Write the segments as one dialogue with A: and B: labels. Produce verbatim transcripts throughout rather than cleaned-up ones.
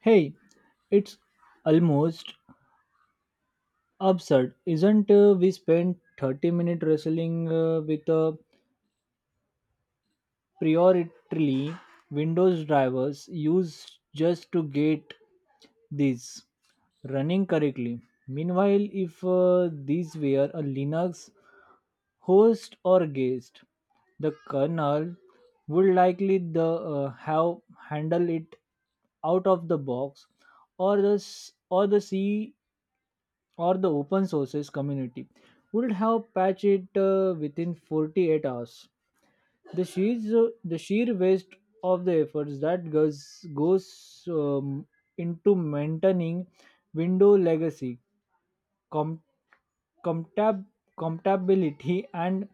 A: Hey, it's almost absurd, isn't uh, we spent thirty minutes wrestling uh, with a priority Windows drivers used just to get these running correctly. Meanwhile, if uh, these were a Linux host or guest, the kernel would likely the uh, have handled it out of the box or the s- or the C or the open sources community would have patched it uh, within forty-eight hours. The sheer, the sheer waste of the efforts that goes, goes um, into maintaining window legacy, com- comptab- compatibility, and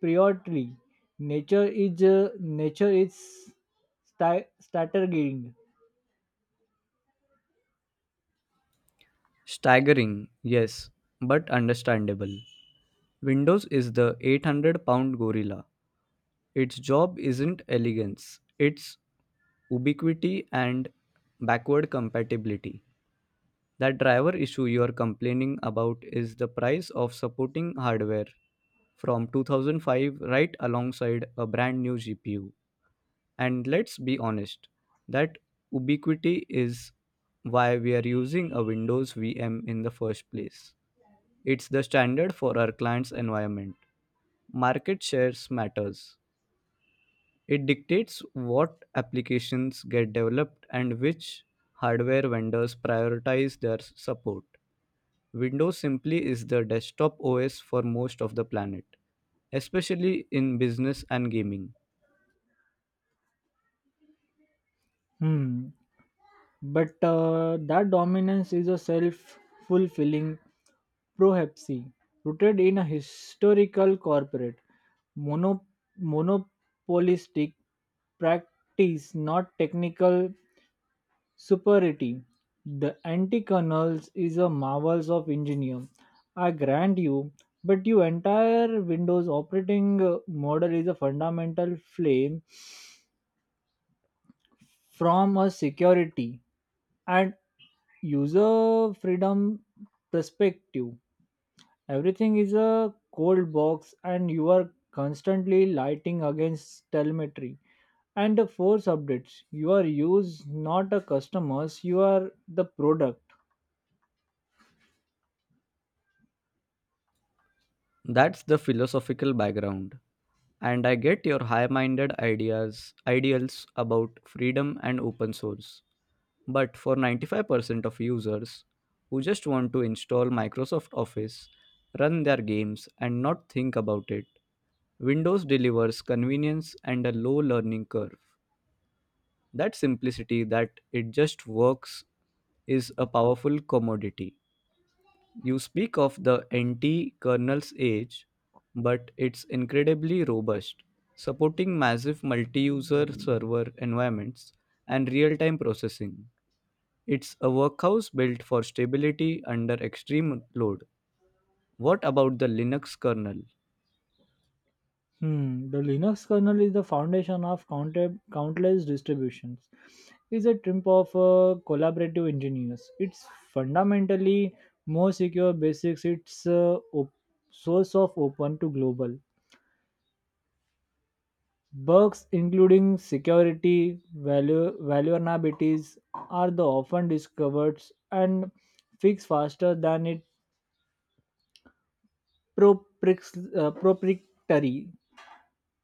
A: priority. Nature is uh, nature is sta- staggering.
B: Staggering, yes, but understandable. Windows is the eight hundred pound gorilla. Its job isn't elegance, it's ubiquity and backward compatibility. That driver issue you are complaining about is the price of supporting hardware from two thousand five right alongside a brand new G P U. And let's be honest, that ubiquity is why we are using a Windows V M in the first place. It's the standard for our client's environment. Market shares matters. It dictates what applications get developed and which hardware vendors prioritize their support. Windows simply is the desktop O S for most of the planet, especially in business and gaming.
A: Hmm. But uh, that dominance is a self fulfilling prophecy rooted in a historical corporate mono- monopolistic practice, not technical superiority. The anti-kernels is a marvels of engineer. I grant you, but your entire Windows operating uh, model is a fundamental flame from a security and user freedom perspective. Everything is a cold box, and you are constantly lighting against telemetry and the force updates. You are used not a customers, you are the product.
B: That's the philosophical background, and I get your high minded ideas, ideals about freedom and open source. But for ninety-five percent of users who just want to install Microsoft Office, run their games, and not think about it, Windows delivers convenience and a low learning curve. That simplicity, that it just works, is a powerful commodity. You speak of the anti kernel's age, but it's incredibly robust, supporting massive multi user server environments and real time processing. It's a workhouse built for stability under extreme load. What about the Linux kernel?
A: Hmm, the Linux kernel is the foundation of counter, countless distributions. It's a triumph of uh, collaborative engineers. It's fundamentally more secure basics. It's uh, op- source of open to global bugs, including security value vulnerabilities, are the often discovered and fixed faster than it propri- uh, proprietary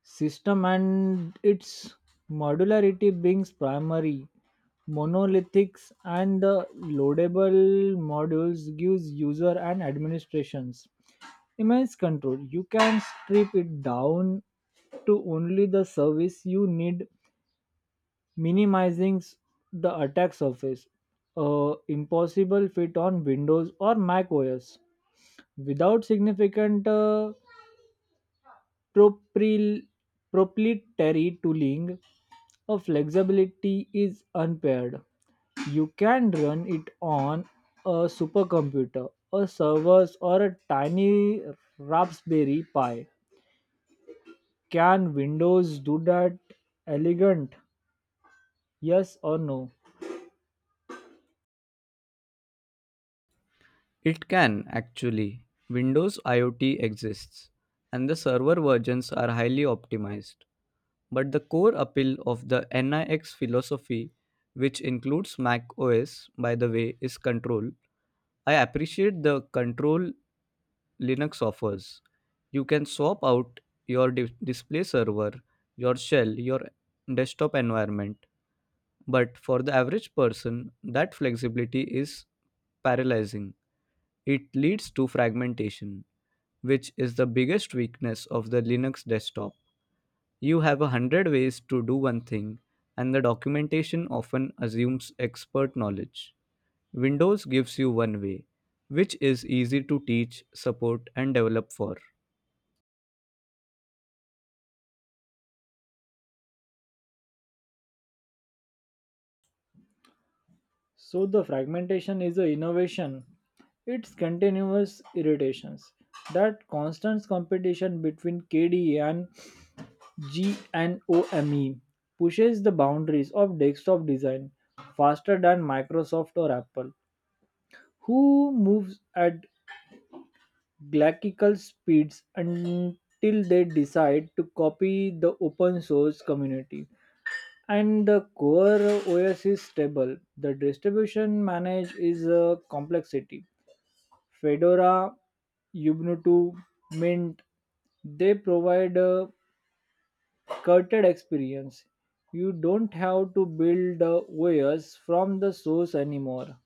A: system, and its modularity brings primary monolithics, and the loadable modules gives user and administrations immense control. You can strip it down to only the service you need, minimizing the attack surface, a impossible fit on Windows or Mac OS without significant uh, propryl- proprietary tooling. A flexibility is unpaired. You can run it on a supercomputer, a servers, or a tiny Raspberry Pi. Can Windows do that elegant? Yes or no?
B: It can actually. Windows IoT exists, and the server versions are highly optimized. But the core appeal of the NIX philosophy, which includes Mac O S, by the way, is control. I appreciate the control Linux offers. You can swap out your di- display server, your shell, your desktop environment. But for the average person, that flexibility is paralyzing. It leads to fragmentation, which is the biggest weakness of the Linux desktop. You have a hundred ways to do one thing, and the documentation often assumes expert knowledge. Windows gives you one way, which is easy to teach, support, and develop for.
A: So the fragmentation is an innovation. It's continuous irritations. That constant competition between K D E and GNOME pushes the boundaries of desktop design faster than Microsoft or Apple, who moves at galactical speeds until they decide to copy the open source community. And the core O S is stable. The distribution manage is a complexity. Fedora, Ubuntu, Mint, they provide a curated experience. You don't have to build the O S from the source anymore.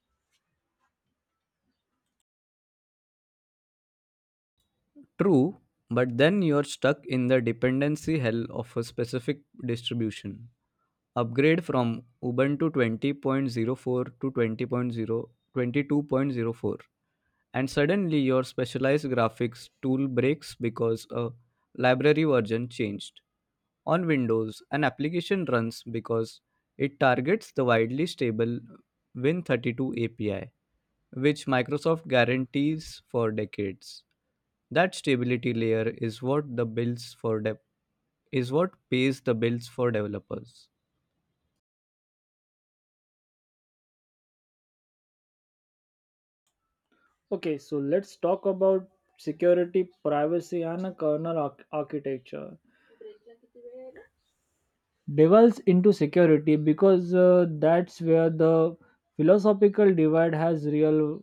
B: True, but then you're stuck in the dependency hell of a specific distribution. Upgrade from Ubuntu twenty point zero four to twenty point zero twenty two point zero four, and suddenly your specialized graphics tool breaks because a library version changed. On Windows, an application runs because it targets the widely stable Win thirty-two A P I, which Microsoft guarantees for decades. That stability layer is what the bills for de- is what pays the bills for developers.
A: Okay, so let's talk about security, privacy, and a kernel arch- architecture. Devolves into security because uh, that's where the philosophical divide has real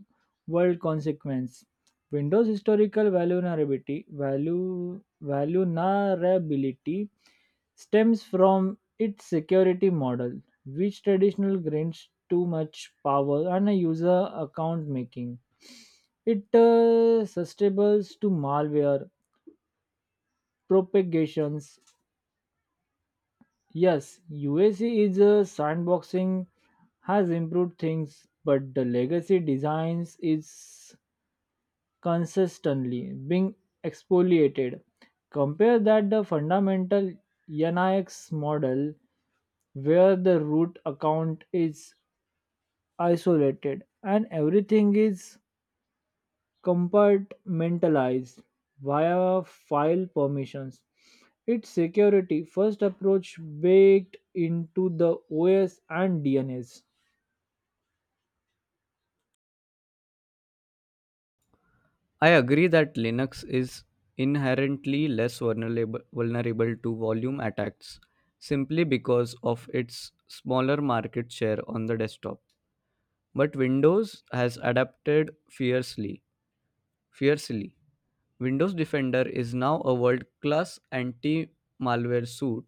A: world consequence. Windows historical vulnerability value vulnerability stems from its security model, which traditional grants too much power and a user account, making it uh, susceptibles to malware propagations. Yes, UAC is a sandboxing. Has improved things, but the legacy designs is consistently being exfoliated. Compare that the fundamental NIX model, where the root account is isolated and everything is compartmentalized via file permissions. Its security first approach baked into the O S and D N S.
B: I agree that Linux is inherently less vulnerable, vulnerable to volume attacks simply because of its smaller market share on the desktop. But Windows has adapted fiercely. Fiercely. Windows Defender is now a world-class anti-malware suite,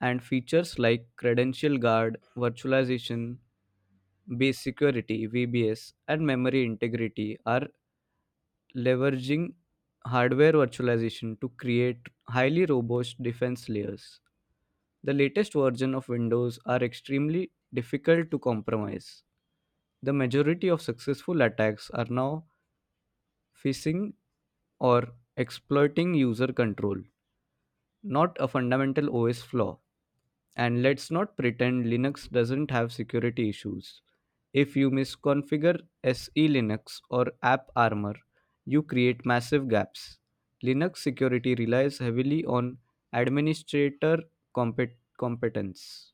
B: and features like credential guard, virtualization, base security, V B S, and memory integrity are leveraging hardware virtualization to create highly robust defense layers. The latest version of Windows are extremely difficult to compromise. The majority of successful attacks are now phishing or exploiting user control, not a fundamental O S flaw. And let's not pretend Linux doesn't have security issues. If you misconfigure S E Linux or AppArmor, you create massive gaps. Linux security relies heavily on administrator compet- competence.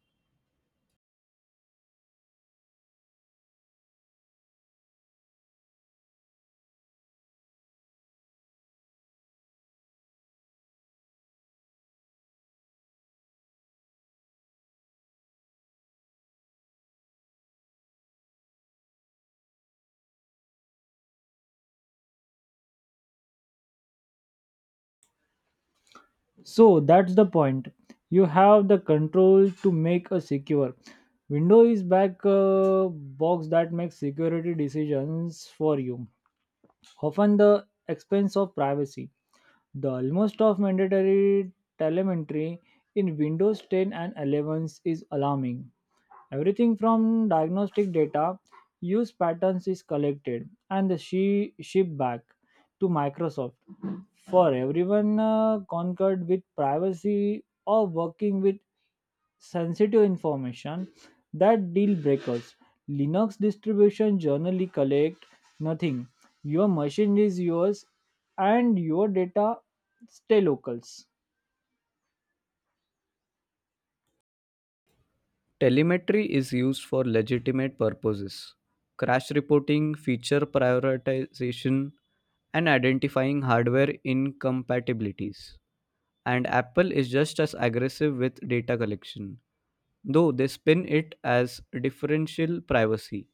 A: So that's the point. You have the control to make a secure. Window is back uh, box that makes security decisions for you, often the expense of privacy. The almost of mandatory telemetry in Windows ten and eleven is alarming. Everything from diagnostic data, use patterns is collected and she shipped back to Microsoft. For everyone uh, concerned with privacy or working with sensitive information, that deal breakers. Linux distribution generally collect nothing. Your machine is yours and your data stay locals.
B: Telemetry is used for legitimate purposes: crash reporting, feature prioritization, and identifying hardware incompatibilities. And Apple is just as aggressive with data collection, though they spin it as differential privacy.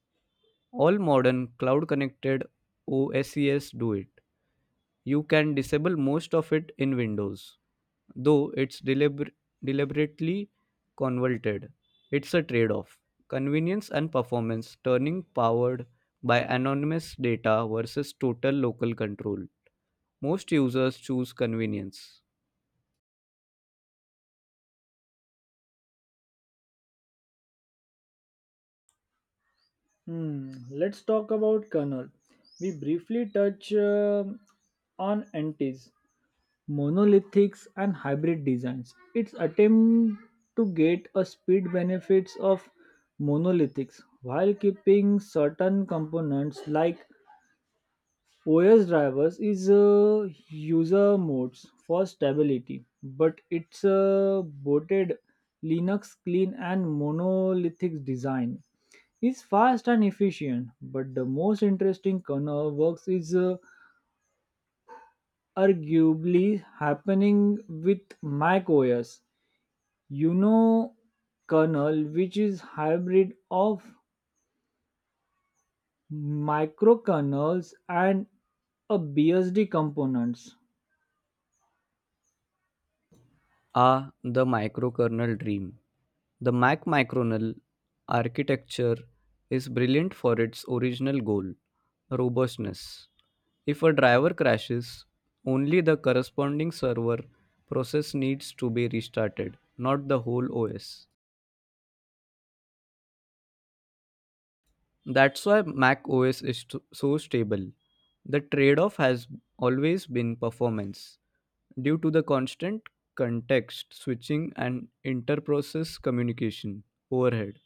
B: All modern cloud connected O Ses do it. You can disable most of it in Windows, though it's deliber- deliberately convoluted. It's a trade off: convenience and performance turning powered by anonymous data versus total local control. Most users choose convenience.
A: Hmm. Let's talk about kernel. We briefly touch um on entities, monolithics, and hybrid designs. Its attempt to get a speed benefits of monolithics while keeping certain components like O S drivers is a user modes for stability, but it's a boated Linux clean and monolithic design. It's fast and efficient, but the most interesting kernel works is uh, arguably happening with Mac O S. You know, kernel which is hybrid of microkernels and a B S D components.
B: Ah, the microkernel dream. The Mac microkernel architecture is brilliant for its original goal, robustness. If a driver crashes, only the corresponding server process needs to be restarted, not the whole O S. That's why Mac O S is t- so stable. The trade off has always been performance due to the constant context switching and inter process communication overhead.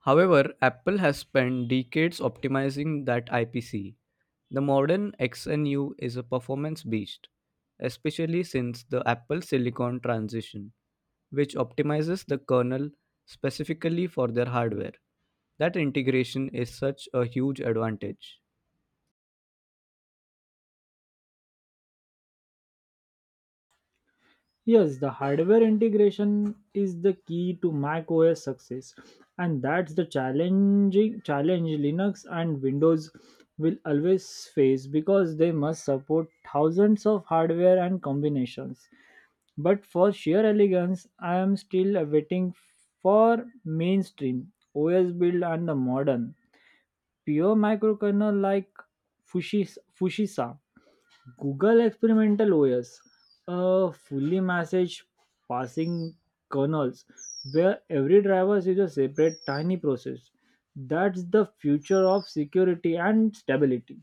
B: However, Apple has spent decades optimizing that I P C. The modern X N U is a performance beast, especially since the Apple Silicon transition, which optimizes the kernel specifically for their hardware. That integration is such a huge advantage.
A: Yes, the hardware integration is the key to Mac O S success, and that's the challenging challenge Linux and Windows will always face because they must support thousands of hardware and combinations. But for sheer elegance, I am still waiting for mainstream O S build and the modern pure microkernel like Fushis- Fushisa Google Experimental O S, a fully message passing kernels where every driver is a separate tiny process. That's the future of security and stability.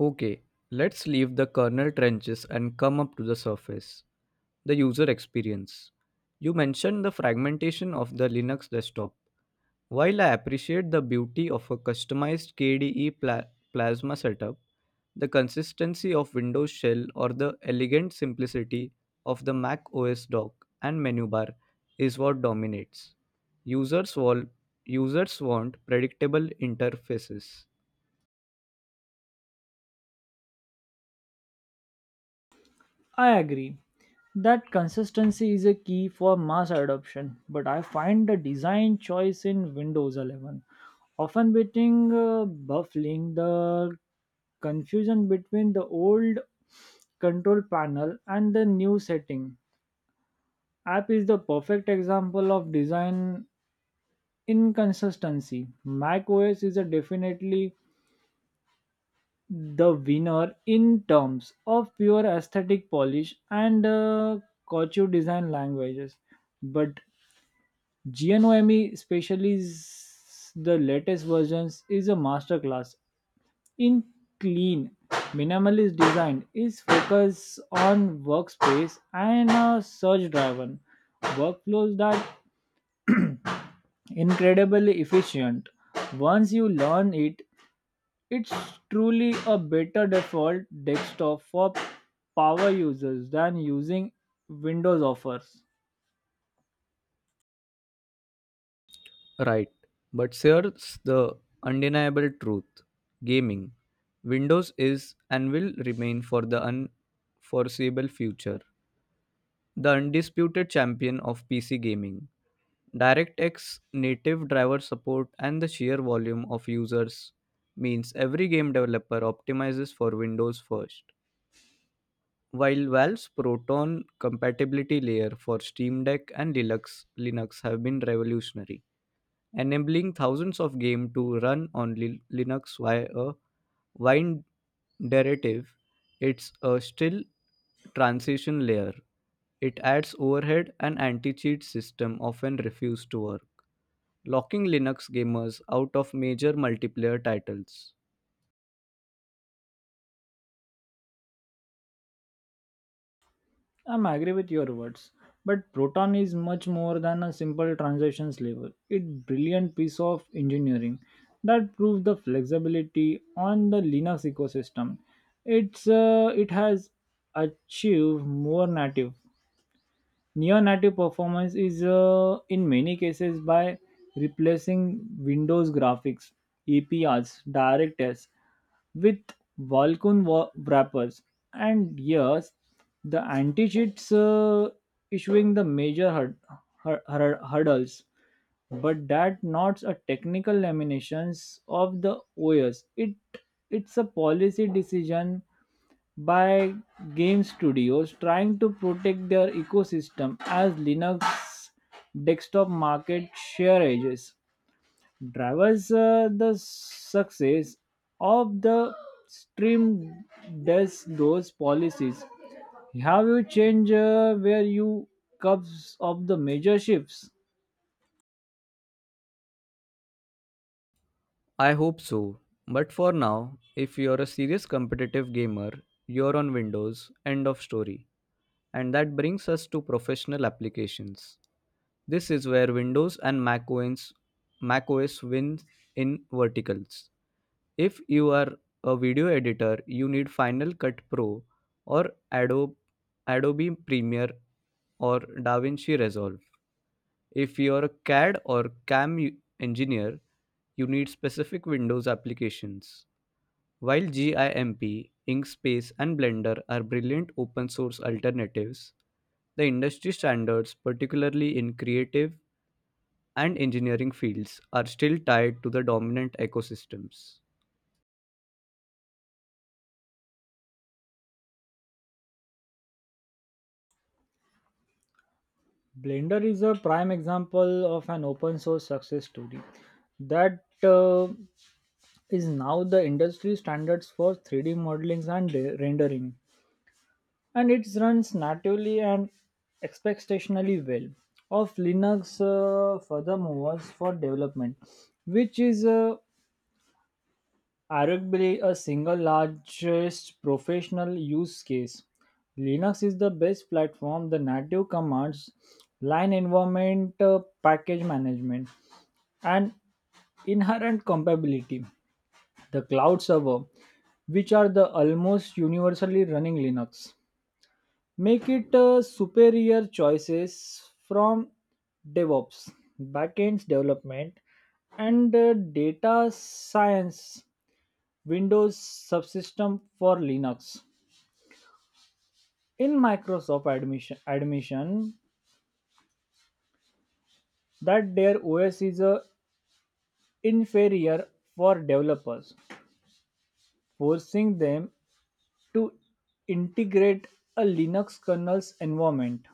B: Okay, let's leave the kernel trenches and come up to the surface: the user experience. You mentioned the fragmentation of the Linux desktop. While I appreciate the beauty of a customized K D E pla- plasma setup, the consistency of Windows Shell or the elegant simplicity of the Mac O S dock and menu bar is what dominates. Users, wall- users want predictable interfaces.
A: I agree that consistency is a key for mass adoption, but I find the design choice in Windows eleven often beating uh, baffling. The confusion between the old control panel and the new setting app is the perfect example of design inconsistency. Mac OS is a definitely the winner in terms of pure aesthetic polish and uh, couture design languages, but GNOME, especially s- the latest versions, is a masterclass in clean minimalist design. Is focus on workspace and a search driven workflows that incredibly efficient. Once you learn it, it's truly a better default desktop for power users than using Windows offers.
B: Right, but here's the undeniable truth: gaming. Windows is and will remain for the unforeseeable future the undisputed champion of P C gaming, DirectX native driver support, and the sheer volume of users means every game developer optimizes for Windows first. While Valve's Proton compatibility layer for Steam Deck and Linux, Linux have been revolutionary, enabling thousands of games to run on Lin- Linux via a Wine derivative, it's a still transition layer. It adds overhead, and anti-cheat system often refuse to work, locking Linux gamers out of major multiplayer titles.
A: I'm agree with your words, but Proton is much more than a simple translations level. It's brilliant piece of engineering that proves the flexibility on the Linux ecosystem. It's uh, it has achieved more native Neo-native performance is uh, in many cases by replacing Windows graphics, E P Rs, DirectX with Vulkan wa- wrappers. And yes, the anti-cheats uh, issuing the major hur- hur- hur- hurdles, but that not a technical laminations of the O S. It it's a policy decision by game studios trying to protect their ecosystem as Linux desktop market share ages. Drivers uh, the success of the stream does those policies. Have you changed uh, where you cups of the major shifts?
B: I hope so, but for now, if you're a serious competitive gamer, you're on Windows. End of story. And that brings us to professional applications. This is where Windows and Mac O S, Mac O S wins in verticals. If you are a video editor, you need Final Cut Pro or Adobe, Adobe Premiere or DaVinci Resolve. If you are a CAD or CAM u- engineer, you need specific Windows applications. While GIMP, Inkspace, and Blender are brilliant open source alternatives, the industry standards, particularly in creative and engineering fields, are still tied to the dominant ecosystems.
A: Blender is a prime example of an open source success story that uh, is now the industry standards for three D modeling and re- rendering, and it runs natively and expectationally well of Linux. Uh, furthermore, was for development, which is uh, arguably a single largest professional use case. Linux is the best platform. The native commands, line environment, uh, package management, and inherent compatibility. The cloud server which are the almost universally running Linux, make it a superior choices from DevOps, backends development, and uh, data science Windows subsystem for Linux. In Microsoft admission, admission that their O S is a inferior for developers, forcing them to integrate a Linux kernel's environment.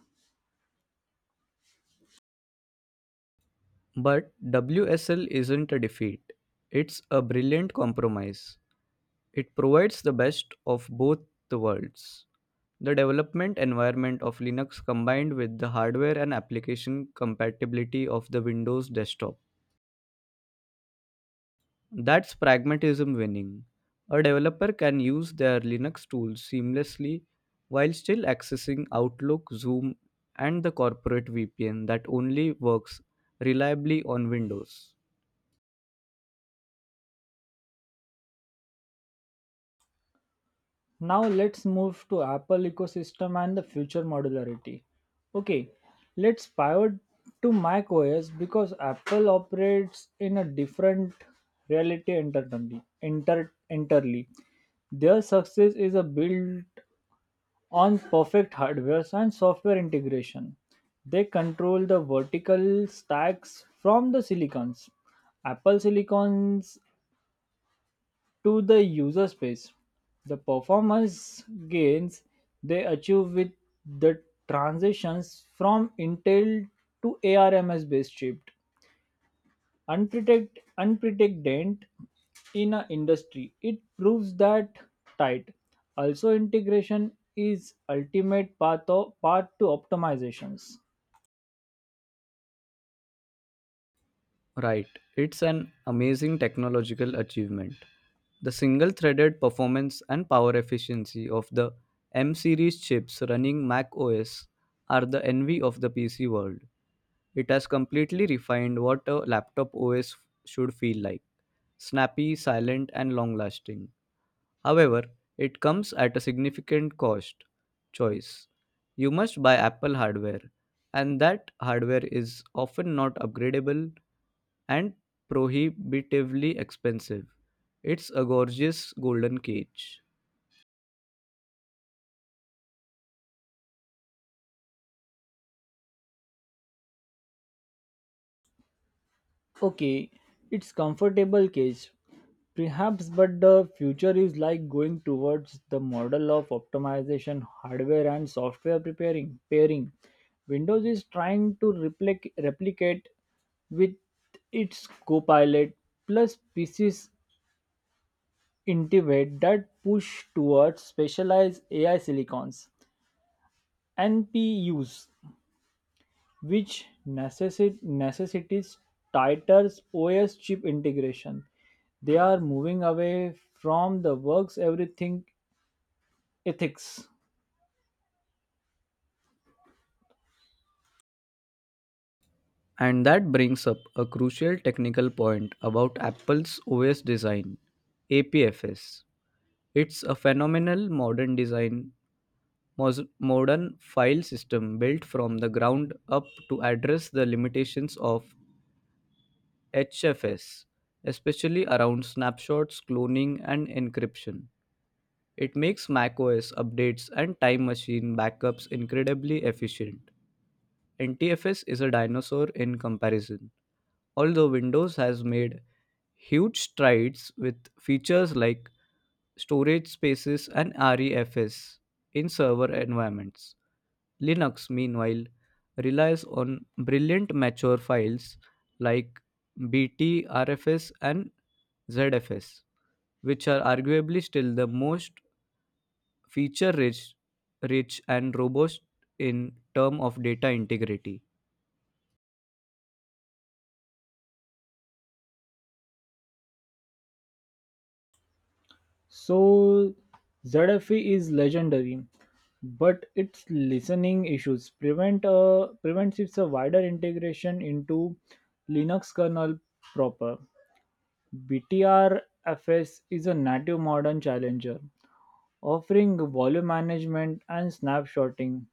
B: But W S L isn't a defeat, it's a brilliant compromise. It provides the best of both the worlds. The development environment of Linux combined with the hardware and application compatibility of the Windows desktop. That's pragmatism winning. A developer can use their Linux tools seamlessly while still accessing Outlook, Zoom, and the corporate V P N that only works reliably on Windows.
A: Now let's move to Apple ecosystem and the future modularity. Okay, let's pivot to macOS because Apple operates in a different reality entirely. Inter, entirely. Their success is a built on perfect hardware and software integration. They control the vertical stacks from the silicons. Apple silicons to the user space. The performance gains they achieve with the transitions from Intel to ARMS based chip unprotect, unprecedented in an industry. It proves that tight. Also, integration is ultimate path, of, path to optimizations.
B: Right, it's an amazing technological achievement. The single threaded performance and power efficiency of the M series chips running Mac O S are the envy of the P C world. It has completely refined what a laptop O S should feel like: snappy, silent, and long lasting. However, it comes at a significant cost: choice. You must buy Apple hardware, and that hardware is often not upgradable and prohibitively expensive. It's a gorgeous golden cage.
A: Okay, it's comfortable cage. Perhaps, but the future is like going towards the model of optimization, hardware and software preparing pairing. Windows is trying to replic- replicate with its Copilot plus P C's Intivate that push towards specialized A I silicons and P Us. Which necessi- necessitates tighter O S chip integration. They are moving away from the works everything ethics.
B: And that brings up a crucial technical point about Apple's O S design: A P F S. It's a phenomenal modern design, mos- modern file system built from the ground up to address the limitations of H F S, especially around snapshots, cloning, and encryption. It makes macOS updates and time machine backups incredibly efficient. N T F S is a dinosaur in comparison, although Windows has made huge strides with features like storage spaces and R E F S in server environments. Linux, meanwhile, relies on brilliant mature files like Btrfs and Z F S, which are arguably still the most feature rich, rich and robust in term of data integrity.
A: So Z F E is legendary, but its listening issues prevent uh, prevents its a wider integration into Linux kernel proper. B T R F S is a native modern challenger, offering volume management and snapshotting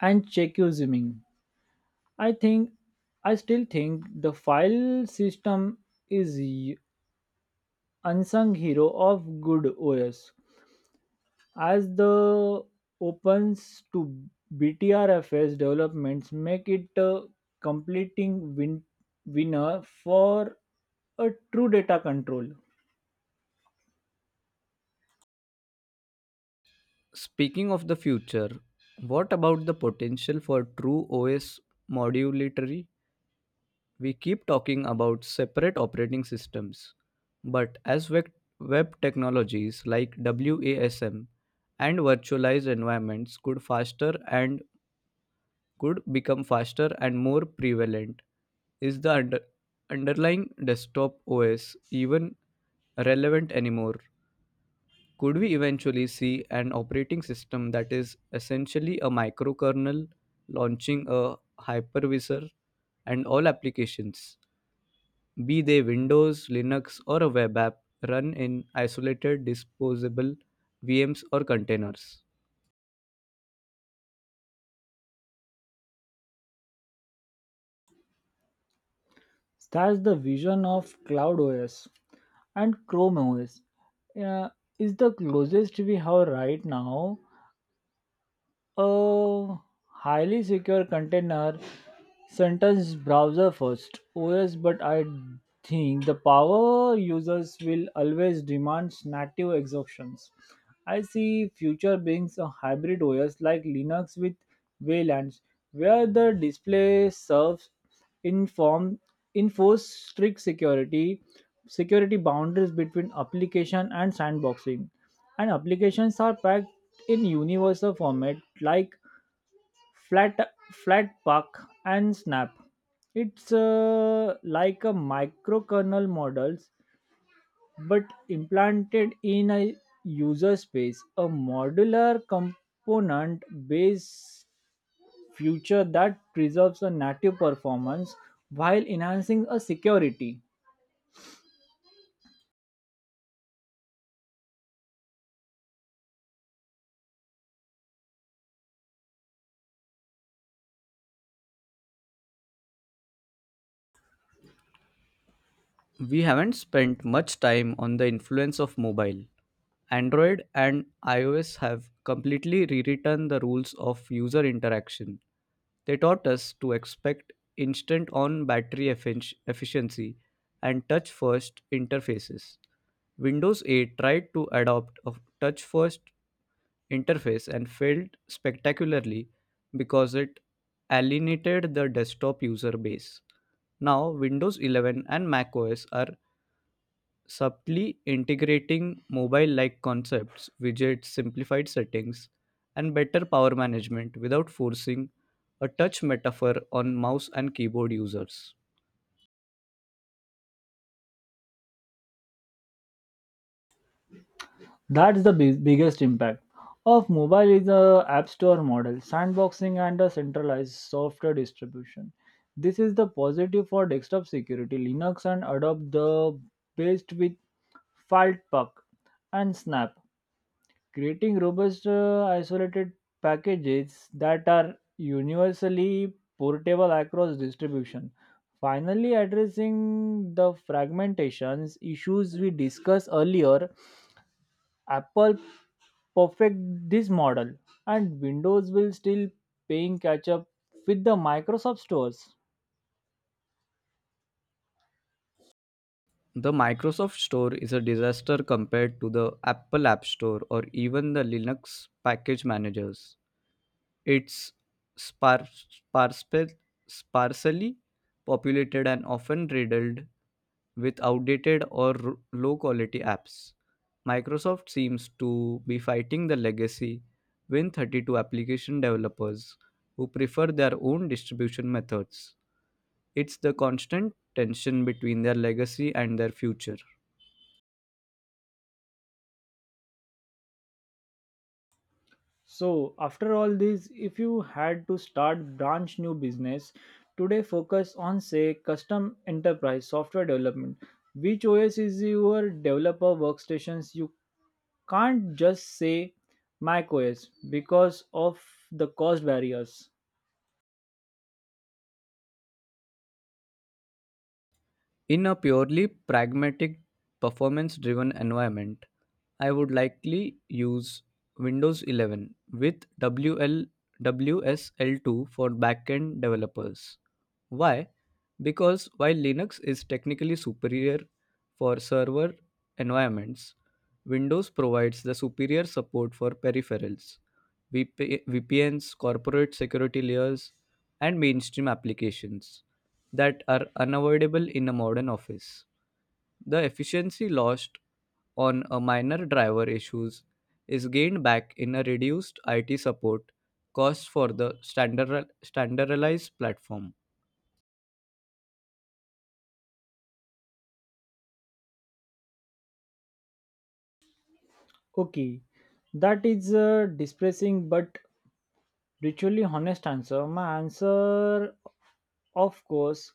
A: and check your zooming. I think I still think the file system is y- unsung hero of good O S as the opens to B T R F S developments make it a completing win- winner for a true data control.
B: Speaking of the future, what about the potential for true O S modularity? We keep talking about separate operating systems, but as web, web technologies like WASM and virtualized environments could faster and could become faster and more prevalent, is the under, underlying desktop O S even relevant anymore? Could we eventually see an operating system that is essentially a microkernel launching a hypervisor, and all applications, be they Windows, Linux, or a web app, run in isolated disposable V Ms or containers?
A: That's the vision of Cloud O S and Chrome O S uh, is the closest we have right now. A highly secure container sentence browser first OS, but I think the power users will always demand native exhaustions. I see future beings a hybrid OS like Linux with waylands, where the display serves inform enforce strict security security boundaries between application and sandboxing, and applications are packed in universal format like flat flat puck and snap. It's uh, like a microkernel models, but implanted in a user space, a modular component based future that preserves a native performance while enhancing a security.
B: We haven't spent much time on the influence of mobile. Android and iOS have completely rewritten the rules of user interaction. They taught us to expect instant on battery effic- efficiency and touch first interfaces. Windows eight tried to adopt a touch first interface and failed spectacularly because it alienated the desktop user base. Now, Windows eleven and macOS are subtly integrating mobile like concepts, widgets, simplified settings, and better power management without forcing a touch metaphor on mouse and keyboard users.
A: That's the big, biggest impact of mobile is the app store model, sandboxing and a centralized software distribution. This is the positive for desktop security. Linux and Adobe the best with Filepuck and Snap, creating robust uh, isolated packages that are universally portable across distribution. Finally, addressing the fragmentations issues we discussed earlier, Apple perfect this model and Windows will still paying catch up with the Microsoft stores.
B: The Microsoft Store is a disaster compared to the Apple App Store or even the Linux package managers. It's spar- sparse, sparsely populated and often riddled with outdated or r- low quality apps. Microsoft seems to be fighting the legacy Win thirty-two application developers who prefer their own distribution methods. It's the constant tension between their legacy and their future.
A: So after all this, if you had to start branch new business today focus on say custom enterprise software development, which O S is your developer workstations? You can't just say Mac O S because of the cost barriers.
B: In a purely pragmatic, performance driven environment, I would likely use Windows eleven with W L W S L two for backend developers. Why? Because while Linux is technically superior for server environments, Windows provides the superior support for peripherals, V P Ns, corporate security layers, and mainstream applications that are unavoidable in a modern office. The efficiency lost on a minor driver issues is gained back in a reduced I T support cost for the standard, standardized platform.
A: Okay, that is uh, depressing but ritually honest answer. My answer, of course,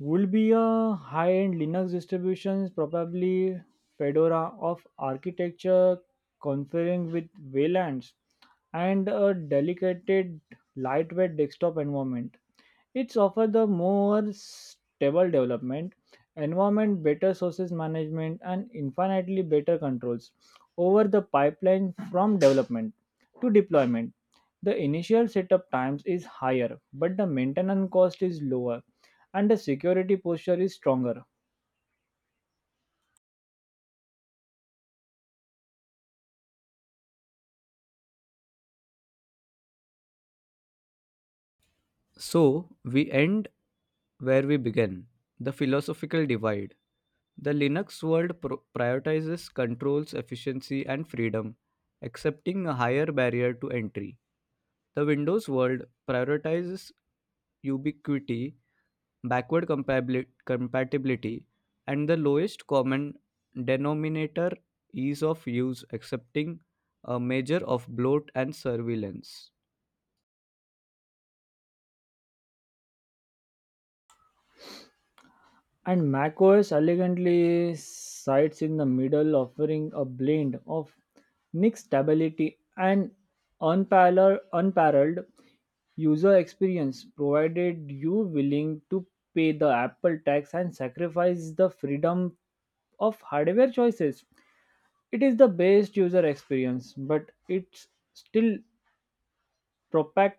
A: would be a high-end Linux distributions, probably Fedora of architecture, conferring with V LANs, and a delicate, lightweight desktop environment. It's offer the more stable development environment, better sources management, and infinitely better controls over the pipeline from development to deployment. The initial setup times is higher, but the maintenance cost is lower and the security posture is stronger.
B: So we end where we began: the philosophical divide. The Linux world pro- prioritizes controls, efficiency, and freedom, accepting a higher barrier to entry. The Windows world prioritizes ubiquity, backward compabili- compatibility, and the lowest common denominator ease of use, accepting a measure of bloat and surveillance.
A: And macOS elegantly sits in the middle, offering a blend of Nick's stability and unparalleled, unparalleled user experience, provided you willing to pay the Apple tax and sacrifice the freedom of hardware choices. It is the best user experience, but it's still propagated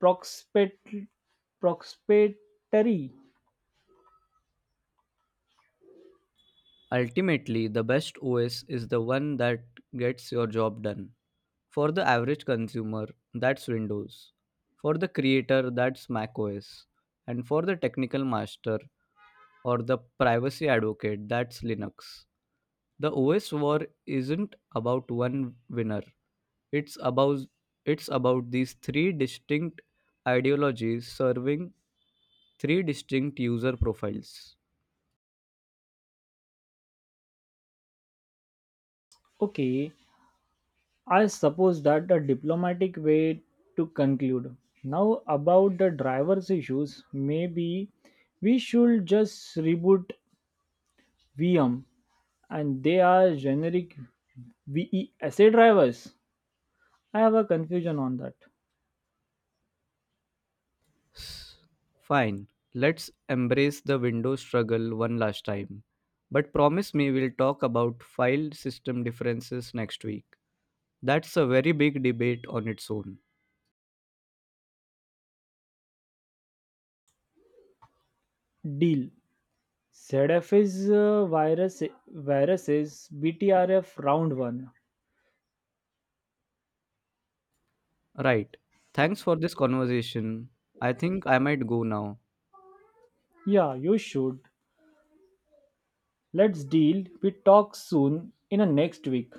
A: prospect prospectory.
B: Ultimately, the best O S is the one that gets your job done. For the average consumer, that's Windows. For the creator, that's macOS. And for the technical master or the privacy advocate, that's Linux. The O S war isn't about one winner. It's about it's about these three distinct ideologies serving three distinct user profiles.
A: Okay, I suppose that a diplomatic way to conclude. Now about the drivers' issues, maybe we should just reboot V M and they are generic VESA drivers. I have a confusion on that.
B: S- Fine, let's embrace the Windows struggle one last time. But promise me we'll talk about file system differences next week. That's a very big debate on its own.
A: Deal. Z F is uh, virus viruses B T R F round one.
B: Right. Thanks for this conversation. I think I might go now.
A: Yeah, you should. Let's deal. We talk soon in a next week.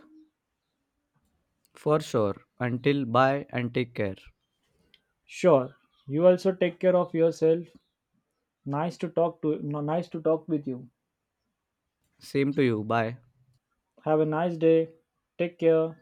B: For sure. Until bye and take care.
A: Sure. You also take care of yourself. Nice to talk to No, nice to talk with you.
B: Same to you. Bye.
A: Have a nice day. Take care.